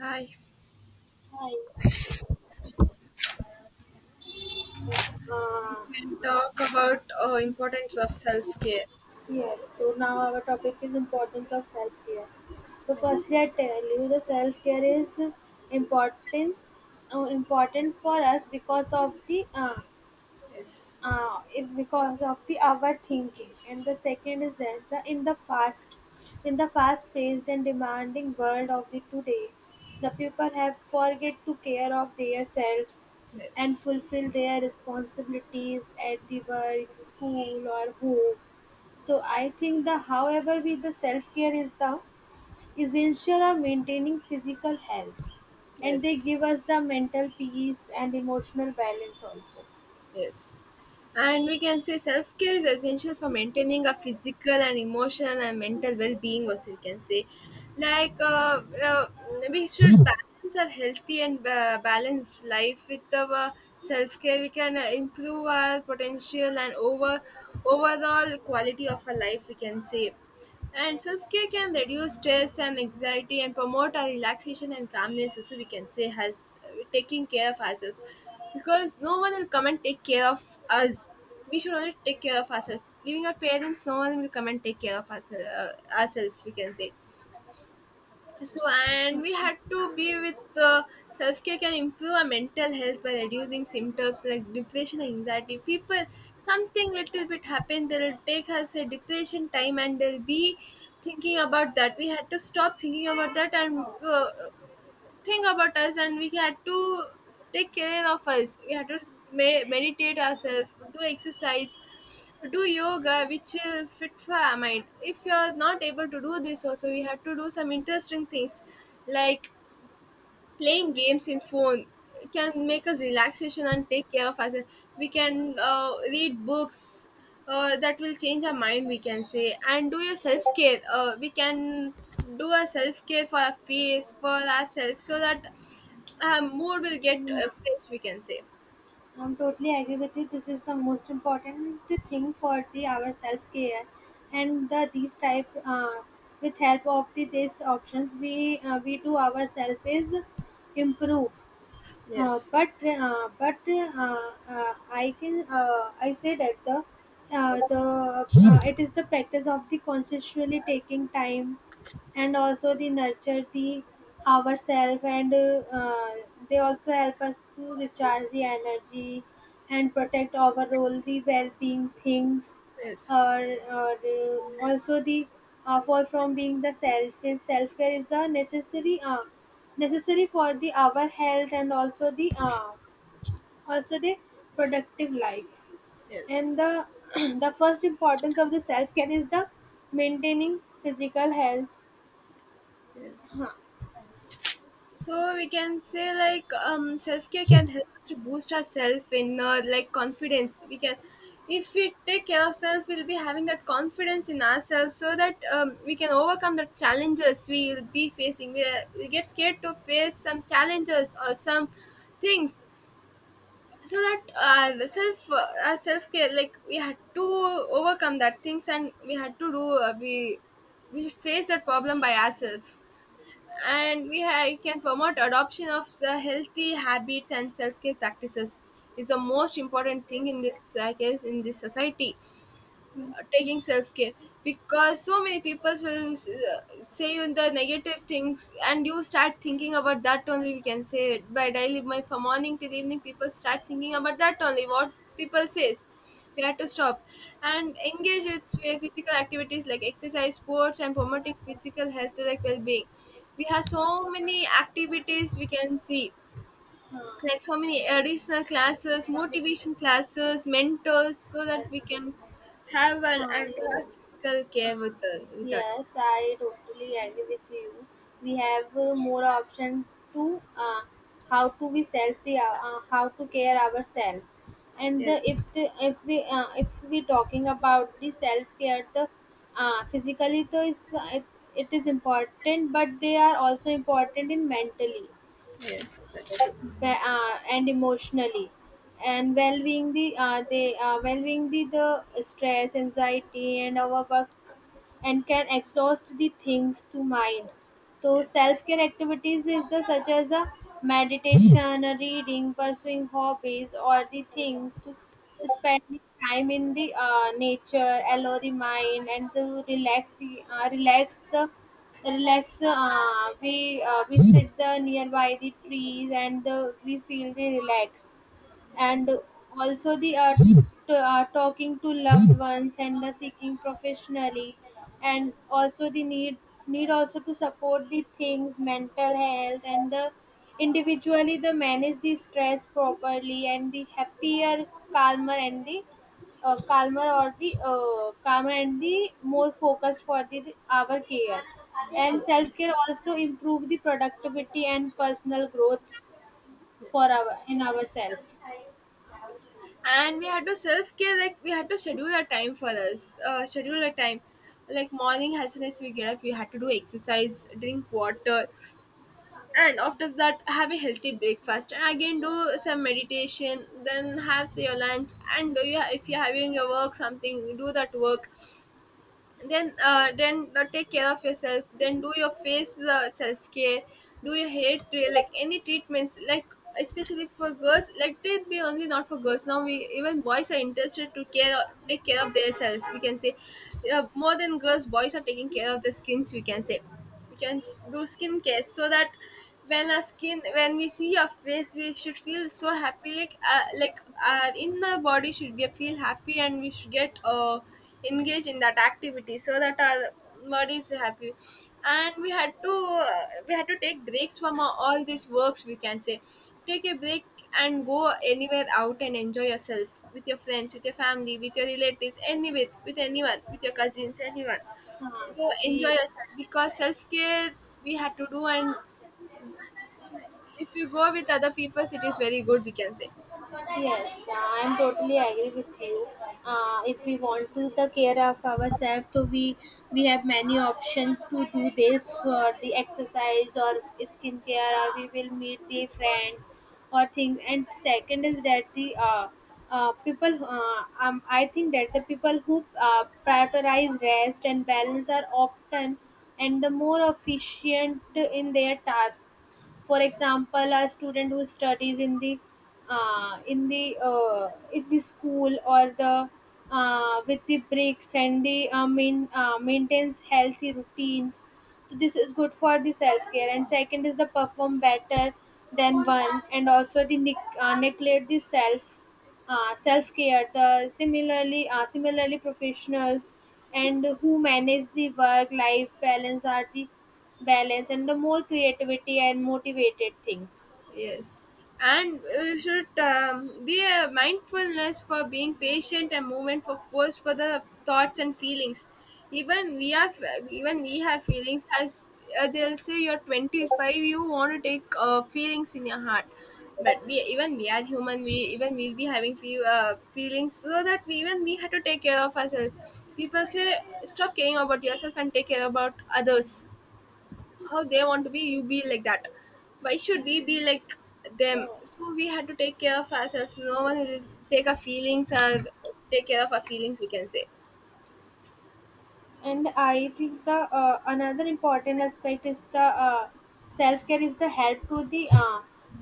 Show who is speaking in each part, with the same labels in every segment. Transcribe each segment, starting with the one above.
Speaker 1: Hi,
Speaker 2: Hi.
Speaker 1: we
Speaker 2: Uh,
Speaker 1: can talk about importance of self care.
Speaker 2: yes. So now our topic is importance of self care. So
Speaker 1: Yes,
Speaker 2: firstly, I tell you the self care is importance important for us because of the
Speaker 1: Yes,
Speaker 2: is because of the overthinking, and the second is that the in the fast paced and demanding world of the today, the people have forget to care of their selves and
Speaker 1: yes,
Speaker 2: fulfill their responsibilities at the work, school, or home. So I think the however with the self care is the essential of maintaining physical health, and they
Speaker 1: yes,
Speaker 2: give us the mental peace and emotional balance also.
Speaker 1: yes. And we can say self care is essential for maintaining a physical and emotional and mental well being. Also, we can say, like uh, uh, we should balance our healthy and balanced life with our self care. We can improve our potential and overall quality of our life. We can say and self care can reduce stress and anxiety and promote our relaxation and calmness. Also, we can say has taking care of ourselves, because no one will come and take care of us. We should only take care of ourselves. Leaving our parents, no one will come and take care of ourselves. Ourselves, we can say. So, and we had to be with self care can improve our mental health by reducing symptoms like depression and anxiety. People, something little bit happened, they'll take us a depression time and they'll be thinking about that. We had to stop thinking about that and think about us, and we had to take care of us, we had to meditate ourselves, do exercise, do yoga, which fit for our mind. If you are not able to do this also, we had to do some interesting things like playing games in phone, can make us relaxation and take care of us. We can read books, that will change our mind. We can say and do your self care. We can do a self care for our face, for ourselves, so that our mood will get
Speaker 2: Yeah.
Speaker 1: fresh. We can say
Speaker 2: I'm totally agree with you. This is the most important thing for the our self care, and the these type with help of the these options we do ourselves is improve. Uh,
Speaker 1: yes,
Speaker 2: but uh, but uh, uh, I say that the it is the practice of the consciously taking time and also the nurture the ourselves, and they also help us to recharge the energy and protect overall the well-being things.
Speaker 1: yes,
Speaker 2: or, or also the for from being the self is self care is a necessary for the our health, and also the productive life. And
Speaker 1: yes,
Speaker 2: the the first importance of the self care is the maintaining physical health.
Speaker 1: yes.
Speaker 2: हाँ,
Speaker 1: So we can say like self care can help us to boost our self in like confidence. We can, if we take care of self, we'll be having that confidence in ourselves so that we can overcome the challenges we'll be facing. We get scared to face some challenges or some things, so that self our self care, like we had to overcome that things, and we had to do we face that problem by ourselves. And we can promote adoption of the healthy habits and self-care practices is the most important thing in this case, in this society, taking self care, because so many people will say you the negative things, and you start thinking about that only. We can say it by daily, my from morning till evening, people start thinking about that only, what people says. We have to stop and engage with physical activities like exercise, sports, and promoting physical health like well-being. We have so many activities we can see,
Speaker 2: हाँ,
Speaker 1: like so many additional classes, motivation classes, mentors, so that we can have an
Speaker 2: हाँ,
Speaker 1: and
Speaker 2: तो
Speaker 1: have physical care with the, with that.
Speaker 2: yes, I totally agree with you. We have more option to how to we self the how to care ourselves. And the,
Speaker 1: Yes,
Speaker 2: if the if we talking about the self care, the physically the it is important, but they are also important in mentally
Speaker 1: yes, that's true.
Speaker 2: and emotionally and well-being the they well-being the stress, anxiety, and our work and can exhaust the things to mind. So
Speaker 1: Yes,
Speaker 2: self-care activities is the such as a meditation, a reading, pursuing hobbies, or the things to spend the time in the nature allow the mind and to relax the relax we sit the nearby the trees, and the, we feel the relax.
Speaker 1: yes,
Speaker 2: And also the talking to loved ones and the seeking professionally, and also the need also to support the things mental health, and the individually the manage the stress properly and the happier, calmer, and the calmer and the more focused for the our care. And self care also improve the productivity and personal growth for
Speaker 1: yes.
Speaker 2: our in ourselves.
Speaker 1: And we had to self care. Like we had to schedule a time for us. Schedule a time. Like morning, as soon as we get up, we had to do exercise, drink water, and after that have a healthy breakfast and again do some meditation, then have say, your lunch, and do you, if you're having your work something, do that work, then take care of yourself, then do your face self-care, do your hair like any treatments, like especially for girls, like it be only not for girls, now we even boys are interested to care, take care of their self, we can say more than girls, boys are taking care of their skins, we can say. We can do skincare, so that when our skin, when we see our face, we should feel so happy, like our inner body should get feel happy, and we should get engaged in that activity, so that our body is happy. And we had to we had to take breaks from our, all these works, we can say, take a break and go anywhere out and enjoy yourself with your friends, with your family, with your relatives, any with anyone, with your cousins, anyone, go
Speaker 2: Huh,
Speaker 1: enjoy
Speaker 2: we
Speaker 1: yourself, because self care we had to do, and if you go with other people it is very good, we can say.
Speaker 2: Yes, I'm totally agree with you. If we want to take care of ourselves, so we have many options to do this for the exercise or skincare, or we will meet the friends or things. And second is that the people I think that the people who prioritize rest and balance are often and the more efficient in their tasks. For example, a student who studies in the in the school or the with the breaks and the maintains healthy routines. So this is good for the self care. And second is the perform better than one and also the neglect the self self care. The similarly professionals and who manage the work life balance are the balance and the more creativity and motivated things.
Speaker 1: Yes. And we should be a mindfulness for being patient and movement for first for the thoughts and feelings. Even we have Even we have feelings, as they'll say you're 25, you want to take feelings in your heart, but we even we are human, we even we'll be having few feelings, so that we even we have to take care of ourselves. People say stop caring about yourself and take care about others, how they want to be you be like that, why should we be like them? So we had to take care of ourselves, no one will take our feelings or take care of our feelings, we can say.
Speaker 2: And I think the another important aspect is the uh, self care is the help to the uh,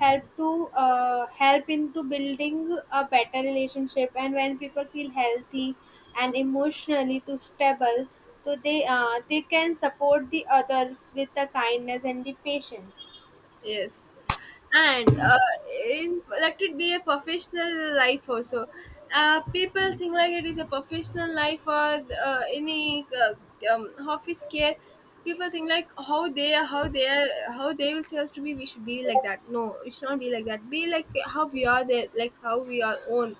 Speaker 2: help to uh, help into building a better relationship, and when people feel healthy and emotionally to stable, so they can support the others with the kindness and the patience.
Speaker 1: Yes, and in let it be a professional life also. People think like it is a professional life or any office care. People think like how they are, how they are, how they will say us to be. We should be like that. No, it should not be like that. Be like how we are there, like how we are own,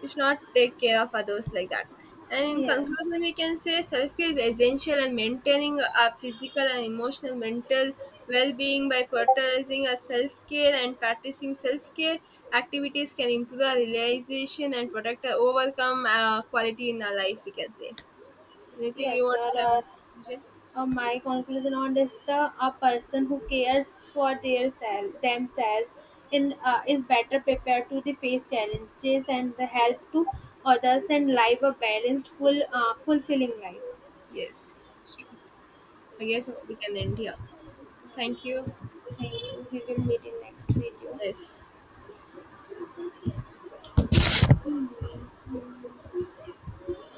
Speaker 1: we should not take care of others like that. And in
Speaker 2: Yes.
Speaker 1: conclusion, we can say self care is essential in maintaining our physical and emotional, mental well being, by prioritizing our self care and practicing self care activities, can improve our realization and protect our overcome quality in our life. We can say anything you
Speaker 2: Yes,
Speaker 1: want to
Speaker 2: there
Speaker 1: have in
Speaker 2: are.
Speaker 1: conclusion?
Speaker 2: My conclusion on this: the a person who cares for their self, themselves in is better prepared to the face challenges and the help to others and live a balanced, full, fulfilling life.
Speaker 1: Yes, it's true. I
Speaker 2: So,
Speaker 1: guess we can end here. Thank you.
Speaker 2: thank you. We will meet in next video.
Speaker 1: Yes.